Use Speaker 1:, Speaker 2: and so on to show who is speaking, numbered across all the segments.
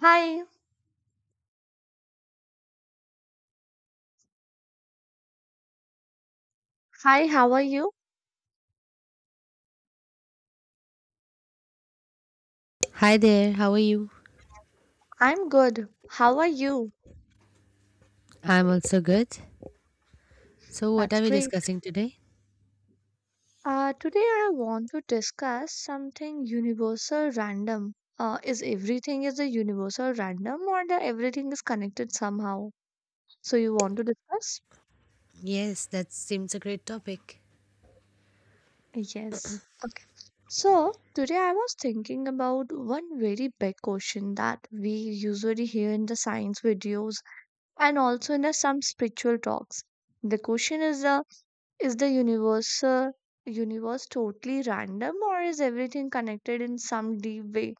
Speaker 1: Hi, hi, how are you?
Speaker 2: Hi there, how are you?
Speaker 1: I'm good. How are you?
Speaker 2: I'm also good. So, what
Speaker 1: That's
Speaker 2: are we
Speaker 1: great.
Speaker 2: discussing today?
Speaker 1: Today I want to discuss something universal random. Is everything is a universal random or the everything is connected somehow? So you want to discuss?
Speaker 2: Yes, that seems a great topic.
Speaker 1: Yes. Okay. So today I was thinking about one very big question that we usually hear in the science videos and also in some spiritual talks. The question is the Is the universe universe totally random or is everything connected in some deep way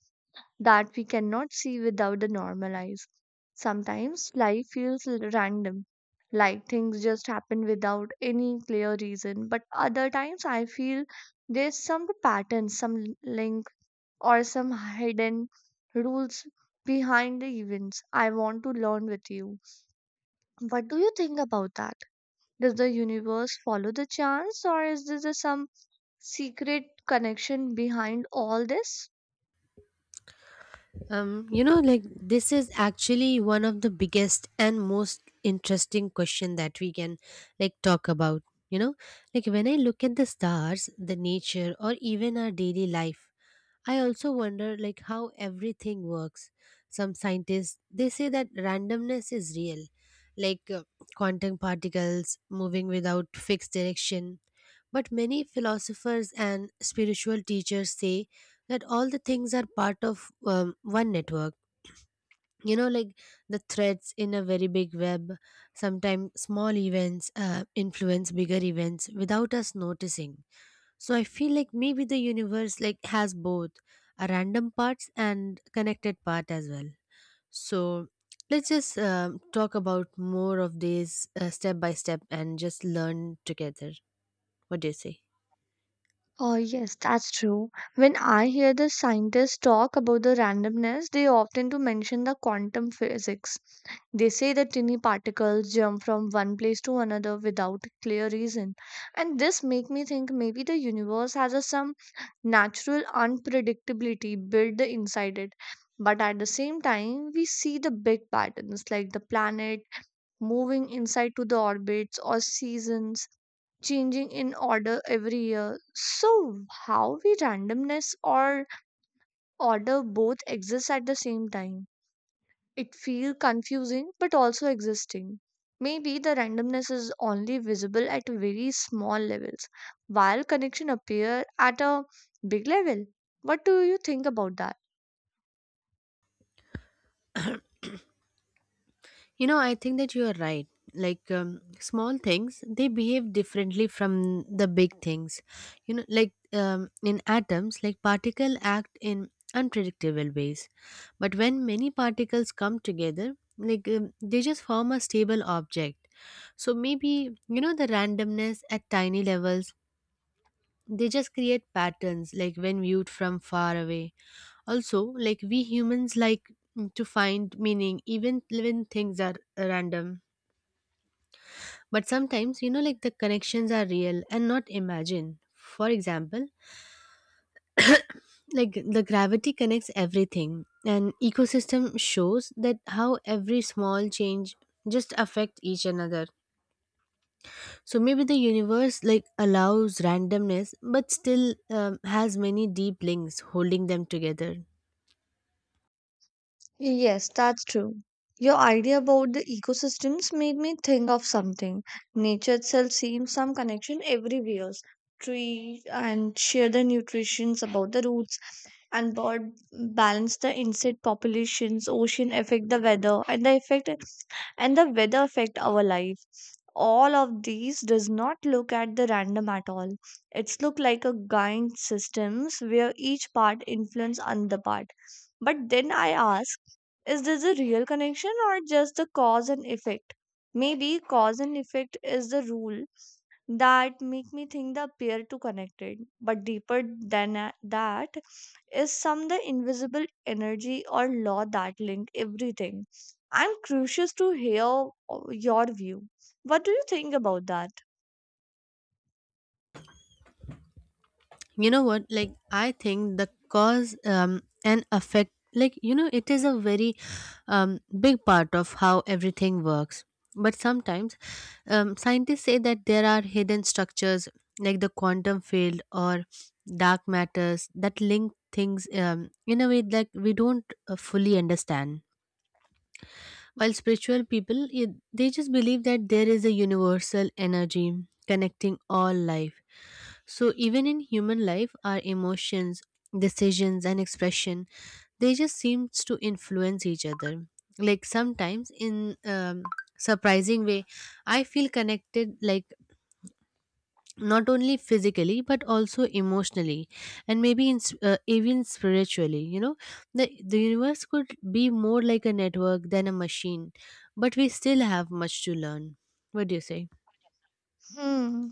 Speaker 1: that we cannot see without the normal eyes? Sometimes life feels random, like things just happen without any clear reason, but other times I feel there's some pattern, some link, or some hidden rules behind the events. I want to learn with you. What do you think about that? Does the universe follow the chance, or is this a some secret connection behind all this?
Speaker 2: Like this is actually one of the biggest and most interesting question that we can like talk about. You know, like when I look at the stars, the nature, or even our daily life, I also wonder like how everything works. Some scientists they say that randomness is real, like quantum particles moving without fixed direction. But many philosophers and spiritual teachers say that all the things are part of one network. Like the threads in a very big web. Sometimes small events influence bigger events without us noticing. So I feel like maybe the universe like has both a random parts and connected part as well. So let's just talk about more of this step by step and just learn together. What do you say?
Speaker 1: Oh, yes, that's true. When I hear the scientists talk about the randomness, they often to mention the quantum physics. They say that tiny particles jump from one place to another without clear reason. And this make me think maybe the universe has some natural unpredictability built inside it. But at the same time, we see the big patterns like the planet moving inside to the orbits or seasons changing in order every year. So, how we randomness or order both exist at the same time? It feel confusing but also existing. Maybe the randomness is only visible at very small levels, while connection appear at a big level. What do you think about that?
Speaker 2: You know, I think that you are right. Like small things, they behave differently from the big things. Like in atoms, like particle act in unpredictable ways. But when many particles come together, like they just form a stable object. So maybe you know the randomness at tiny levels. They just create patterns, like when viewed from far away. Also, like we humans like to find meaning even when things are random. But sometimes, like the connections are real and not imagined. For example, like the gravity connects everything, and ecosystem shows that how every small change just affect each another. So maybe the universe like allows randomness, but still has many deep links holding them together.
Speaker 1: Yes, that's true. Your idea about the ecosystems made me think of something. Nature itself seems some connection everywhere. Tree and share the nutritions about the roots and bird balance the insect populations, ocean affect the weather and the effect and the weather affect our life, all of these does not look at the random at all. It's look like a giant systems where each part influence another part. But then I ask, is this a real connection or just the cause and effect? Maybe cause and effect is the rule that make me think the pair to connected but deeper than that, is some the invisible energy or law that link everything. I'm curious to hear your view. What do you think about that?
Speaker 2: You know what, I think the cause and effect like you know it is a very um, big part of how everything works. But sometimes, scientists say that there are hidden structures like the quantum field or dark matters that link things in a way that we don't fully understand, while spiritual people, they just believe that there is a universal energy connecting all life. So even in human life, our emotions, decisions, and expression, they just seems to influence each other. Like sometimes in surprising way, I feel connected like not only physically but also emotionally, and maybe in, even spiritually, you know, the universe could be more like a network than a machine, but we still have much to learn. What do you say?
Speaker 1: Hmm,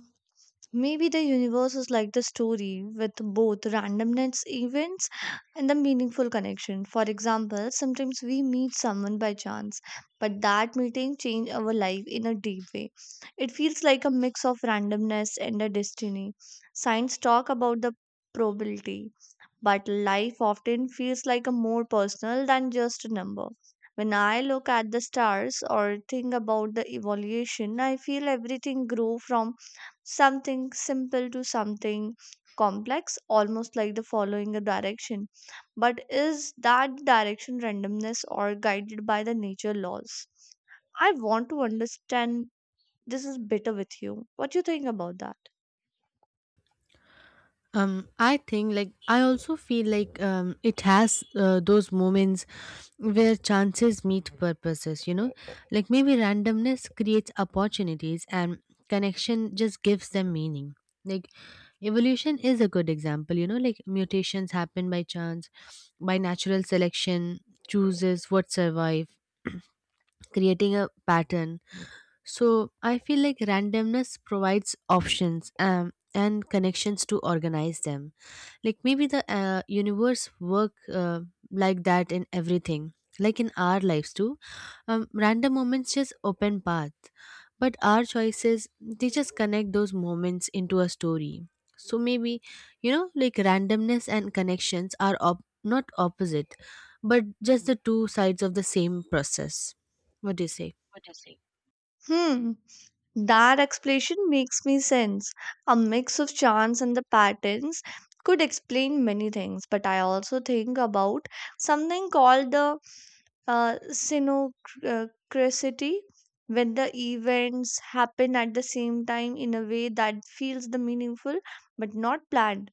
Speaker 1: maybe the universe is like the story with both randomness events and the meaningful connection. For example, sometimes we meet someone by chance, but that meeting changed our life in a deep way. It feels like a mix of randomness and a destiny. Science talk about the probability, but life often feels like a more personal than just a number. When I look at the stars or think about the evolution, I feel everything grew from something simple to something complex, almost like the following a direction. But is that direction randomness or guided by the nature laws? I want to understand this is better with you. What do you think about that?
Speaker 2: Um, I think like I also feel like it has those moments where chances meet purposes, you know. Like maybe randomness creates opportunities and connection just gives them meaning. Like evolution is a good example, you know, like mutations happen by chance, by natural selection chooses what survive creating a pattern. So I feel like randomness provides options and connections to organize them, like maybe the universe work like that in everything, like in our lives too. Random moments just open path, but our choices they just connect those moments into a story. So maybe, you know, like randomness and connections are not opposite, but just the two sides of the same process. What do you say?
Speaker 1: Hmm, that explanation makes me sense. A mix of chance and the patterns could explain many things, but I also think about something called the synchronicity, when the events happen at the same time in a way that feels the meaningful but not planned,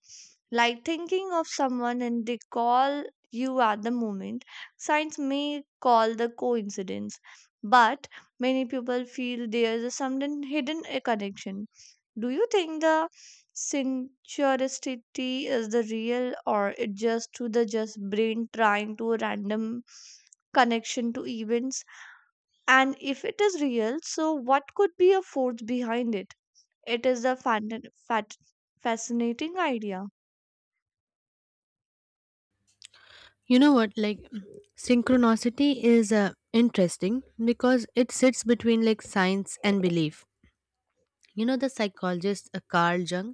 Speaker 1: like thinking of someone and they call you at the moment. Science may call the coincidence, but many people feel there's a sudden hidden a connection. Do you think the synchronicity is the real, or it just to the just brain trying to random connection to events? And if it is real, so what could be a force behind it? It is a fat- fascinating idea.
Speaker 2: You know what, synchronicity is interesting because it sits between like science and belief. You know the psychologist Carl Jung,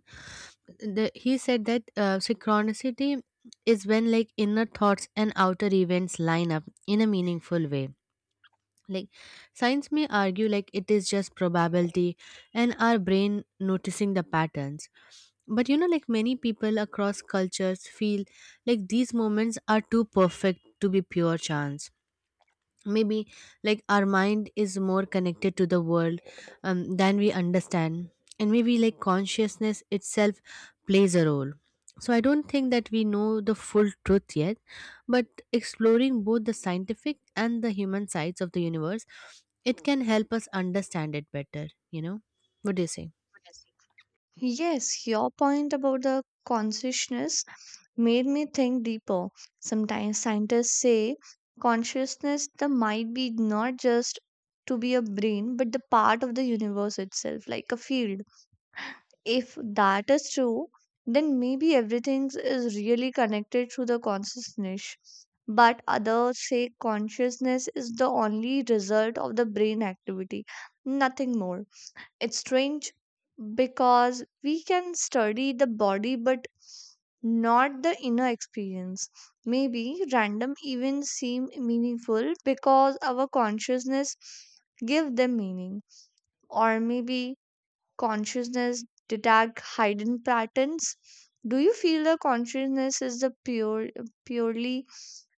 Speaker 2: he said that synchronicity is when like inner thoughts and outer events line up in a meaningful way. Like science may argue like it is just probability and our brain noticing the patterns. But you know, like many people across cultures feel like these moments are too perfect to be pure chance. Maybe like our mind is more connected to the world than we understand. And maybe like consciousness itself plays a role. So I don't think that we know the full truth yet, but exploring both the scientific and the human sides of the universe, it can help us understand it better, you know. What do you say?
Speaker 1: Yes, your point about the consciousness made me think deeper. Sometimes scientists say consciousness that might be not just to be a brain but the part of the universe itself, like a field. If that is true, then maybe everything is really connected through the consciousness. But others say consciousness is the only result of the brain activity, nothing more. It's strange because we can study the body but not the inner experience. Maybe random events seem meaningful because our consciousness give them meaning, or maybe consciousness detect hidden patterns. Do you feel the consciousness is the purely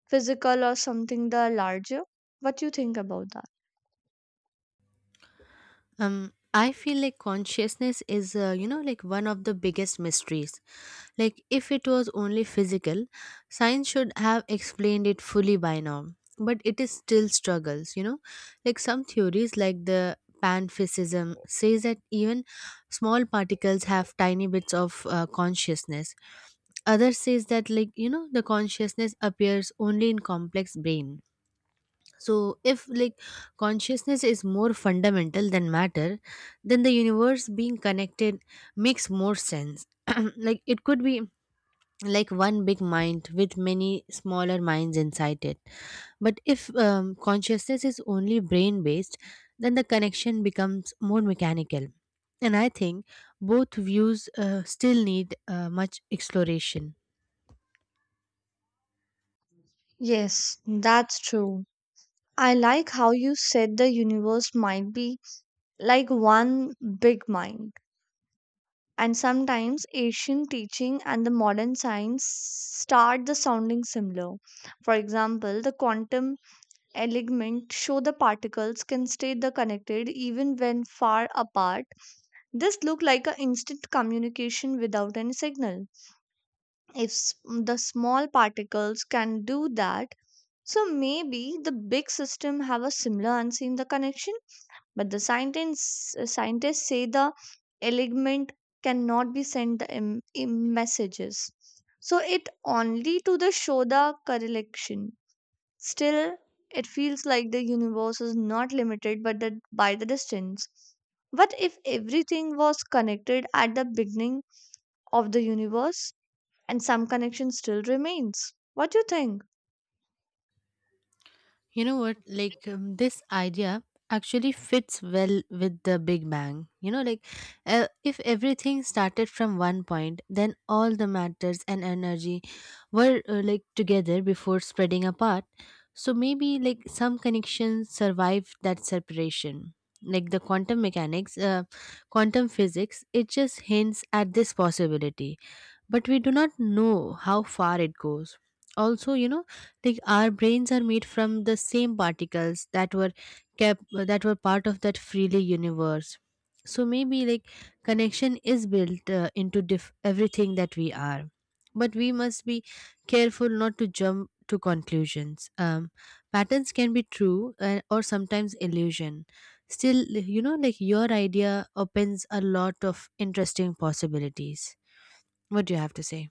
Speaker 1: physical or something the larger? What do you think about that?
Speaker 2: I feel like consciousness is like one of the biggest mysteries. Like, if it was only physical, science should have explained it fully by now. But it is still struggles, you know. Like some theories, like the panphysicism, says that even small particles have tiny bits of consciousness. Others says that, like you know, the consciousness appears only in complex brain. So if like consciousness is more fundamental than matter, then the universe being connected makes more sense. Like it could be like one big mind with many smaller minds inside it. But if consciousness is only brain based, then the connection becomes more mechanical. And I think both views still need much exploration.
Speaker 1: Yes, that's true. I like how you said the universe might be like one big mind. And sometimes Asian teaching and the modern science start the sounding similar. For example, the quantum element show the particles can stay the connected even when far apart. This look like an instant communication without any signal. If the small particles can do that, so maybe the big system have a similar unseen the connection. But the scientists, scientists say the element cannot be sent the messages. So it only to the show the correlation. Still, it feels like the universe is not limited by the distance. What if everything was connected at the beginning of the universe and some connection still remains? What do you think?
Speaker 2: You know what? This idea actually fits well with the Big Bang. You know, like if everything started from one point, then all the matters and energy were like together before spreading apart. So maybe like some connections survive that separation. Like the quantum physics, it just hints at this possibility, but we do not know how far it goes. Also, you know, like our brains are made from the same particles that were part of that freely universe. So maybe like connection is built into everything that we are, but we must be careful not to jump to conclusions. Patterns can be true or sometimes illusion. Still, like your idea opens a lot of interesting possibilities. What do you have to say?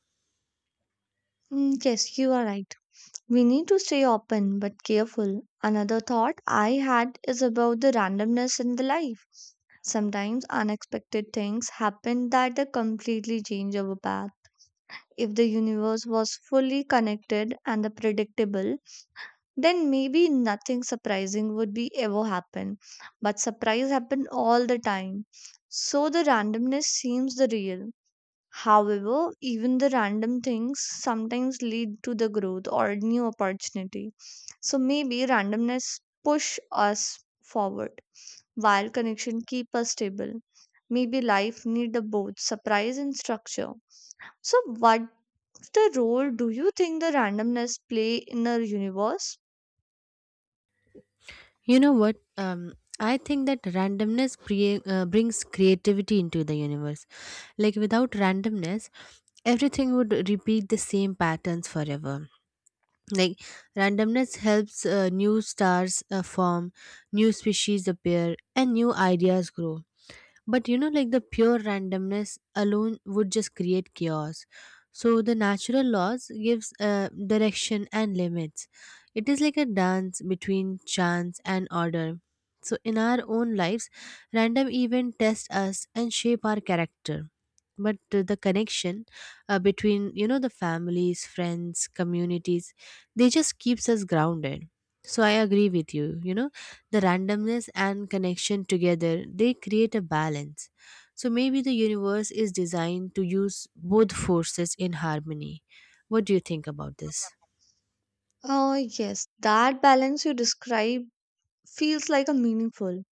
Speaker 1: Mm, yes, you are right. We need to stay open but careful. Another thought I had is about the randomness in the life. Sometimes unexpected things happen that they completely change our path. If the universe was fully connected and the predictable, then maybe nothing surprising would be ever happen. But surprise happen all the time. So the randomness seems the real. However, even the random things sometimes lead to the growth or new opportunity. So maybe randomness push us forward while connection keep us stable. Maybe life need a both surprise and structure. So what the role do you think the randomness play in our universe?
Speaker 2: You know what? I think that randomness brings creativity into the universe. Like without randomness, everything would repeat the same patterns forever. Like randomness helps new stars form, new species appear, and new ideas grow. But you know, like the pure randomness alone would just create chaos. So the natural laws gives direction and limits. It is like a dance between chance and order. So in our own lives, random events test us and shape our character, but the connection between you know the families, friends, communities, they just keeps us grounded. So I agree with you, you know, the randomness and connection together, they create a balance. So maybe the universe is designed to use both forces in harmony. What do you think about this?
Speaker 1: Oh yes, that balance you describe feels like a meaningful.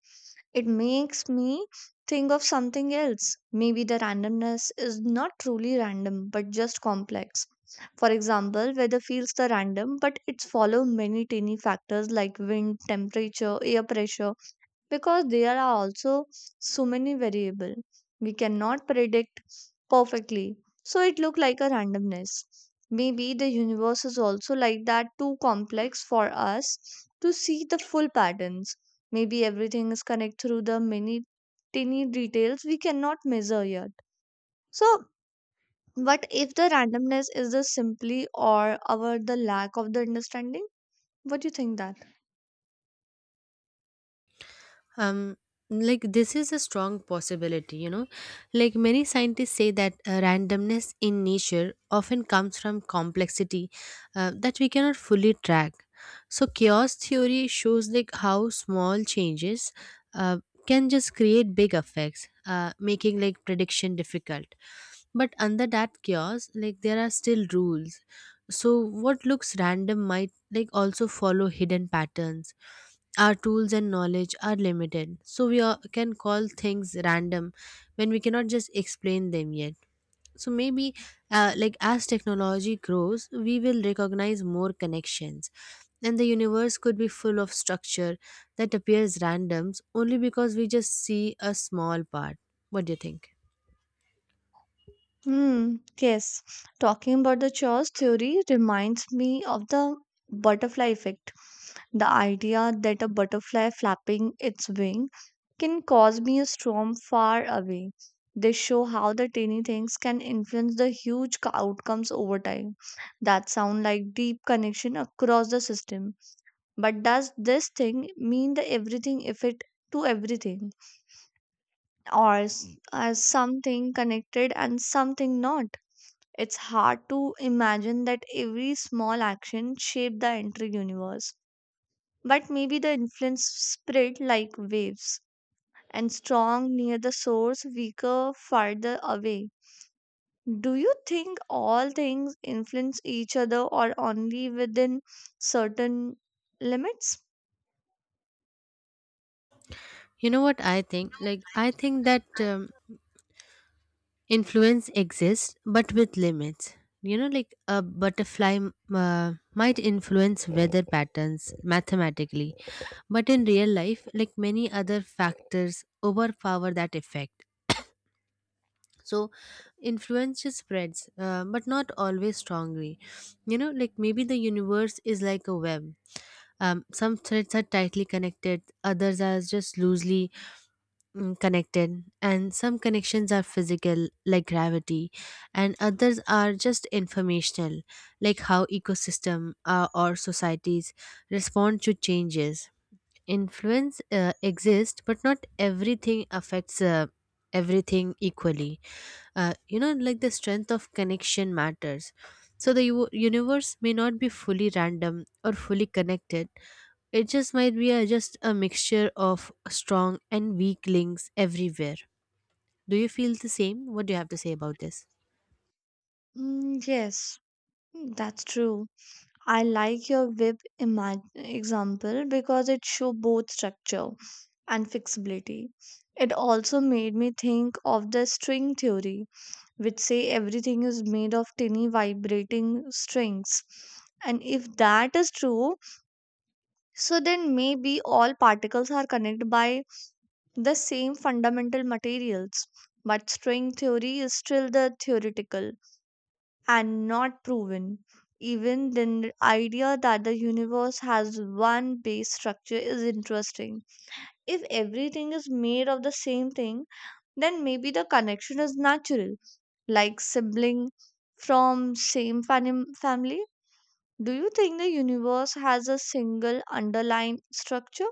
Speaker 1: It makes me think of something else. Maybe the randomness is not truly random but just complex. For example, weather feels the random, but it's follow many tiny factors like wind, temperature, air pressure, because there are also so many variable we cannot predict perfectly, so it look like a randomness. Maybe the universe is also like that, too complex for us to see the full patterns. Maybe everything is connected through the many tiny details we cannot measure yet. So what if the randomness is the simply or our the lack of the understanding? What do you think that?
Speaker 2: Um, like this is a strong possibility, you know. Like many scientists say that randomness in nature often comes from complexity that we cannot fully track. So chaos theory shows like how small changes uh, can just create big effects, making like prediction difficult. But under that chaos, like there are still rules. So what looks random might like also follow hidden patterns. Our tools and knowledge are limited, so can call things random when we cannot just explain them yet. So maybe, like as technology grows, we will recognize more connections, and the universe could be full of structure that appears randoms only because we just see a small part. What do you think?
Speaker 1: Hmm, yes. Talking about the chaos theory reminds me of the butterfly effect. The idea that a butterfly flapping its wing can cause me a storm far away. They show how the tiny things can influence the outcomes over time. That sound like deep connection across the system. But does this thing mean the everything effect to everything? Or as something connected and something not? It's hard to imagine that every small action shaped the entire universe. But maybe the influence spread like waves and strong near the source, weaker farther away. Do you think all things influence each other or only within certain limits?
Speaker 2: You know what I think like I think that influence exists but with limits. You know like a butterfly might influence weather patterns mathematically, but in real life, like many other factors overpower that effect. So influence just spreads, but not always strongly. You know, like maybe the universe is like a web. Some threads are tightly connected, others are just loosely connected, and some connections are physical like gravity, and others are just informational, like how ecosystem or societies respond to changes. Influence exists, but not everything affects everything equally. You know, like the strength of connection matters. So the universe may not be fully random or fully connected. It just might be just a mixture of strong and weak links everywhere. Do you feel the same? What do you have to say about this?
Speaker 1: Mm, yes, that's true. I like your example because it show both structure and flexibility. It also made me think of the string theory, which say everything is made of tiny vibrating strings. And if that is true, so then maybe all particles are connected by the same fundamental materials. But string theory is still the theoretical and not proven. Even then, the idea that the universe has one base structure is interesting. If everything is made of the same thing, then maybe the connection is natural, like sibling from same family. Do you think the universe has a single underlying structure?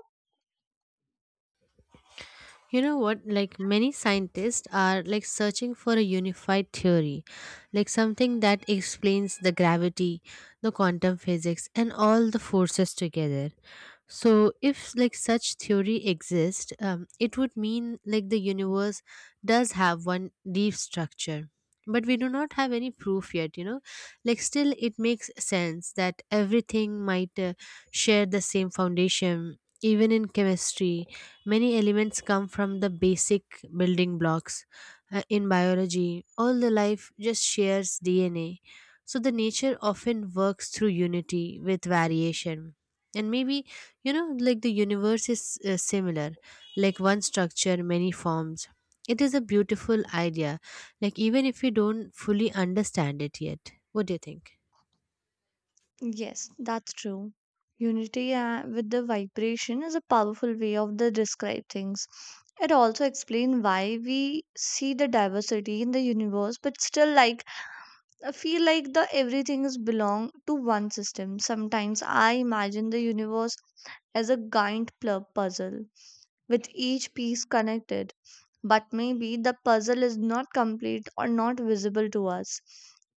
Speaker 2: You know what? Like many scientists are like searching for a unified theory, like something that explains the gravity, the quantum physics, and all the forces together. So if like such theory exists, it would mean like the universe does have one deep structure, but we do not have any proof yet, you know. Like still it makes sense that everything might share the same foundation. Even in chemistry, many elements come from the basic building blocks. In biology, all the life just shares DNA. So the nature often works through unity with variation. And maybe, you know, like the universe is similar, like one structure, many forms. It is a beautiful idea, like even if you don't fully understand it yet. What do you think?
Speaker 1: Yes, that's true. Unity with the vibration is a powerful way of the describe things. It also explains why we see the diversity in the universe, but still like I feel like the everything is belong to one system. Sometimes I imagine the universe as a giant puzzle with each piece connected, but maybe the puzzle is not complete or not visible to us.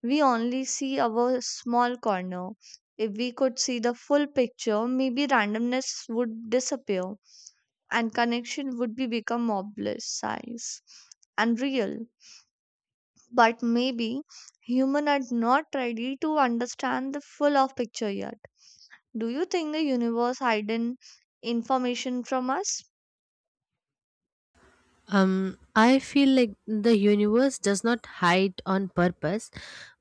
Speaker 1: We only see our small corner. If we could see the full picture, maybe randomness would disappear and connection would be become obvious and real. But maybe human are not ready to understand the full of picture yet. Do you think the universe hidden information from us?
Speaker 2: I feel like the universe does not hide on purpose,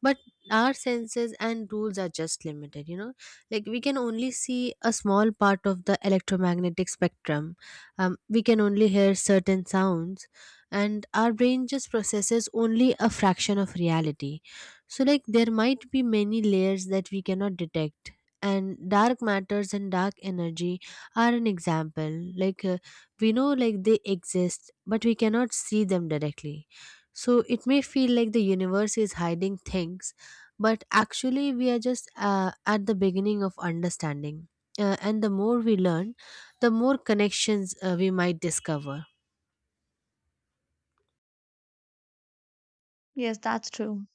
Speaker 2: but our senses and rules are just limited, you know. Like we can only see a small part of the electromagnetic spectrum. We can only hear certain sounds, and our brain just processes only a fraction of reality. So, like, there might be many layers that we cannot detect. And dark matters and dark energy are an example. Like we know like they exist but we cannot see them directly, so it may feel like the universe is hiding things, but actually we are just at the beginning of understanding, and the more we learn the more connections we might discover.
Speaker 1: Yes, that's true.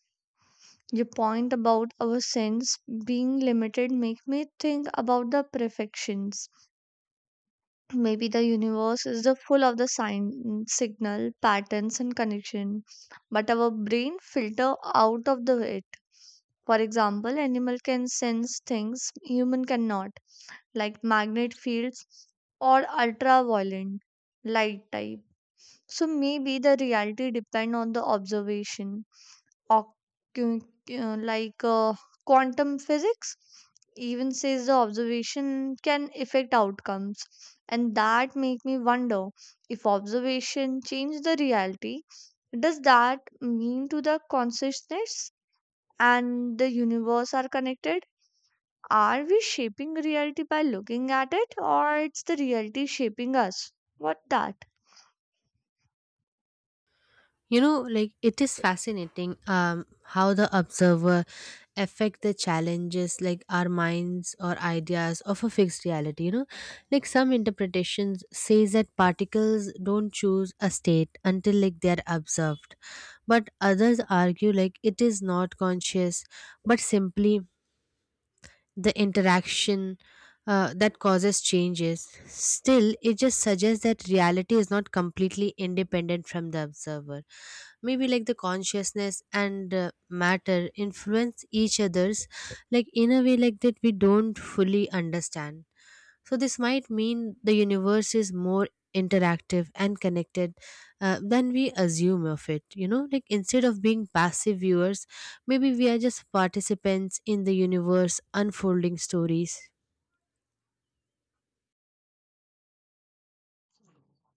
Speaker 1: Your point about our sense being limited make me think about the perfections. Maybe the universe is the full of the sign signal patterns and connection, but our brain filter out of the it. For example, animal can sense things human cannot, like magnet fields or ultraviolet light type. So maybe the reality depend on the observation oc- uh, like uh, quantum physics even says the observation can affect outcomes and that make me wonder if observation change the reality, does that mean to the consciousness and the universe are connected? Are we shaping reality by looking at it or it's the reality shaping us, what that?
Speaker 2: You know, like it is fascinating, how the observer affect the challenges, like our minds or ideas of a fixed reality. You know, like some interpretations says that particles don't choose a state until like they are observed, but others argue like it is not conscious, but simply the interaction that causes changes. Still, it just suggests that reality is not completely independent from the observer. Maybe like the consciousness and matter influence each other's, like in a way like that we don't fully understand. So this might mean the universe is more interactive and connected than we assume of it. You know, like instead of being passive viewers, maybe we are just participants in the universe unfolding stories.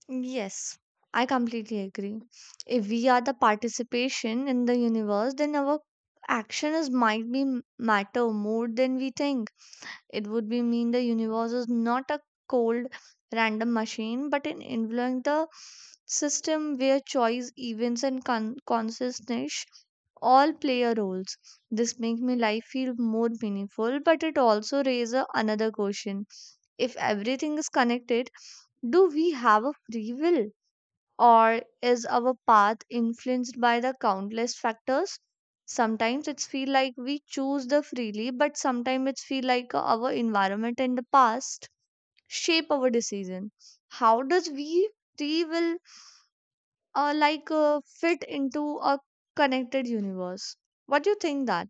Speaker 1: Yes, I completely agree. If we are the participation in the universe, then our action is might be matter more than we think. It would be mean the universe is not a cold random machine, but an influence the system where choice, events, and consciousness all play a roles. This make me life feel more meaningful, but it also raises another question: If everything is connected, do we have a free will? Or is our path influenced by the countless factors? Sometimes it's feel like we choose the freely, but sometimes it's feel like our environment and the past shape our decision. How does we three will fit into a connected universe? What do you think that?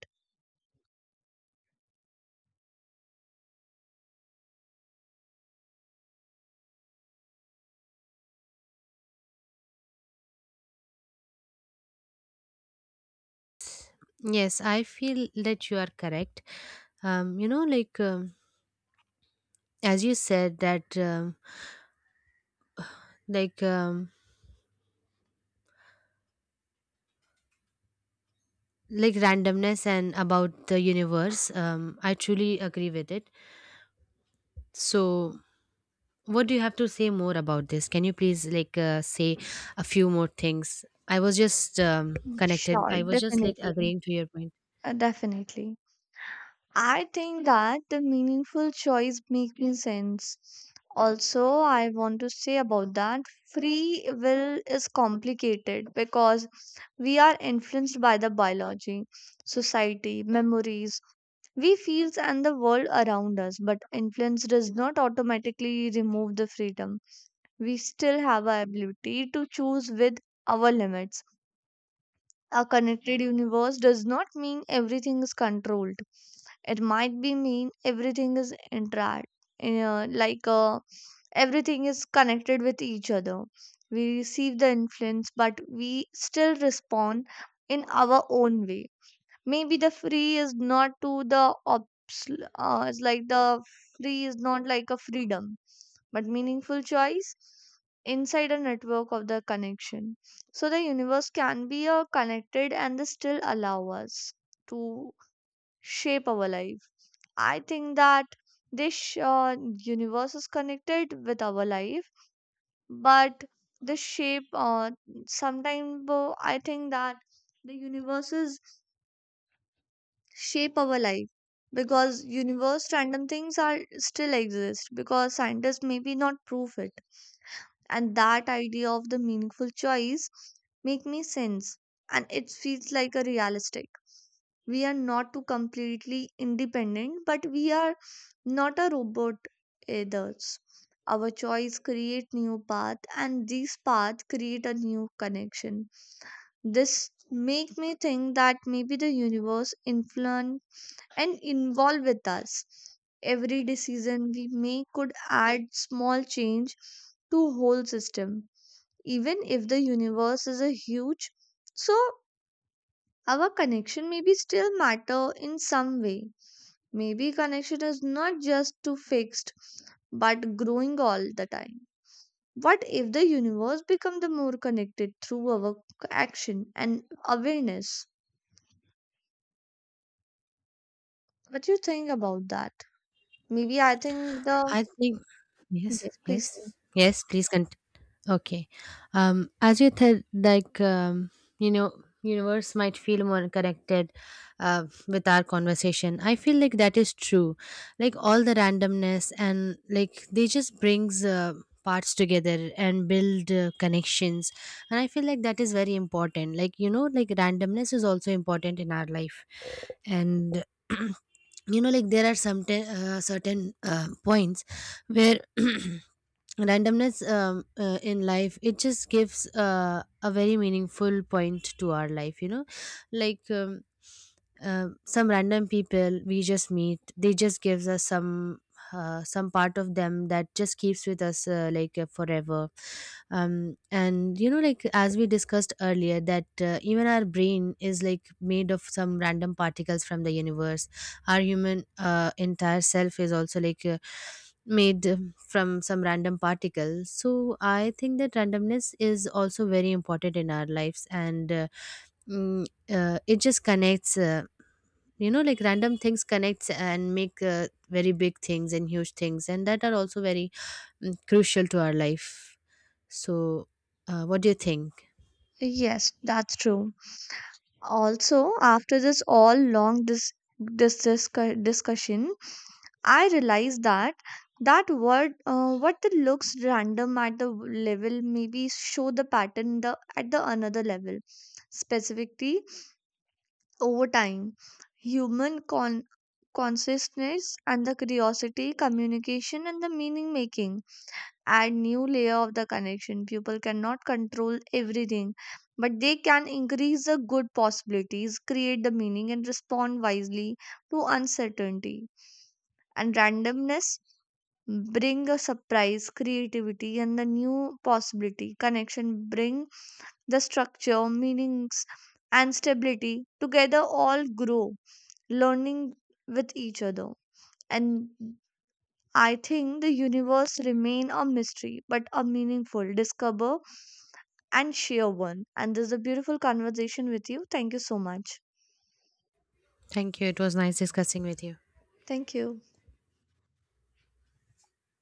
Speaker 2: Yes, I feel that you are correct. You know, as you said that, like um, like randomness and about the universe. I truly agree with it. So, what do you have to say more about this? Can you please like say a few more things? I was just connected.
Speaker 1: Sure,
Speaker 2: I was just like
Speaker 1: definitely.
Speaker 2: agreeing to your point.
Speaker 1: Definitely. I think that the meaningful choice making sense. Also, I want to say about that free will is complicated because we are influenced by the biology, society, memories, we feels and the world around us, but influence does not automatically remove the freedom. We still have our ability to choose with our limits. A connected universe does not mean everything is controlled, it might be mean everything is interact, uh, like uh, everything is connected with each other. We receive the influence but we still respond in our own way. Maybe the free is not to the it's like the free is not like a freedom, but meaningful choice inside a network of the connection. So the universe can be a connected and they still allow us to shape our life. I think that this universe is connected with our life, but the shape. Sometimes I think that the universes shape our life because universe random things are still exist because scientists maybe not prove it. And that idea of the meaningful choice make me sense and it feels like a realistic. We are not too completely independent, but we are not a robot either. Our choice create new path and these paths create a new connection. This make me think that maybe the universe influence and involve with us. Every decision we make could add small change to whole system, even if the universe is a huge. So our connection maybe still matter in some way. Maybe connection is not just too fixed, but growing all the time. What if the universe become the more connected through our action and awareness? What do you think about that? Maybe I think the
Speaker 2: I think yes,
Speaker 1: yes please say.
Speaker 2: yes, yes. Please continue. Okay. As you said, you know, universe might feel more connected with our conversation. I feel like that is true. Like all the randomness and like they just brings parts together and build connections. And I feel like that is very important. Like you know, like randomness is also important in our life and. You know, like there are some certain points where randomness in life it just gives a very meaningful point to our life. You know, like um, some random people we just meet, they just gives us some part of them that just keeps with us like forever. And you know, like as we discussed earlier that even our brain is like made of some random particles from the universe. Our human entire self is also like made from some random particles. So I think that randomness is also very important in our lives, and it just connects, you know, like random things connects and make very big things and huge things, and that are also very crucial to our life. So what do you think?
Speaker 1: Yes, that's true. Also, after this all long discussion, I realized that that word, what that looks random at the level, maybe show the pattern the at the another level. Specifically, over time, human consciousness and the curiosity, communication, and the meaning making add new layer of the connection. People cannot control everything, but they can increase the good possibilities, create the meaning, and respond wisely to uncertainty. And randomness bring a surprise, creativity, and the new possibility. Connection bring the structure, meanings, and stability. Together, all grow, learning with each other. And I think the universe remain a mystery, but a meaningful, discover and share one. And this is a beautiful conversation with you. Thank you so much.
Speaker 2: Thank you, it was nice discussing with you.
Speaker 1: Thank you.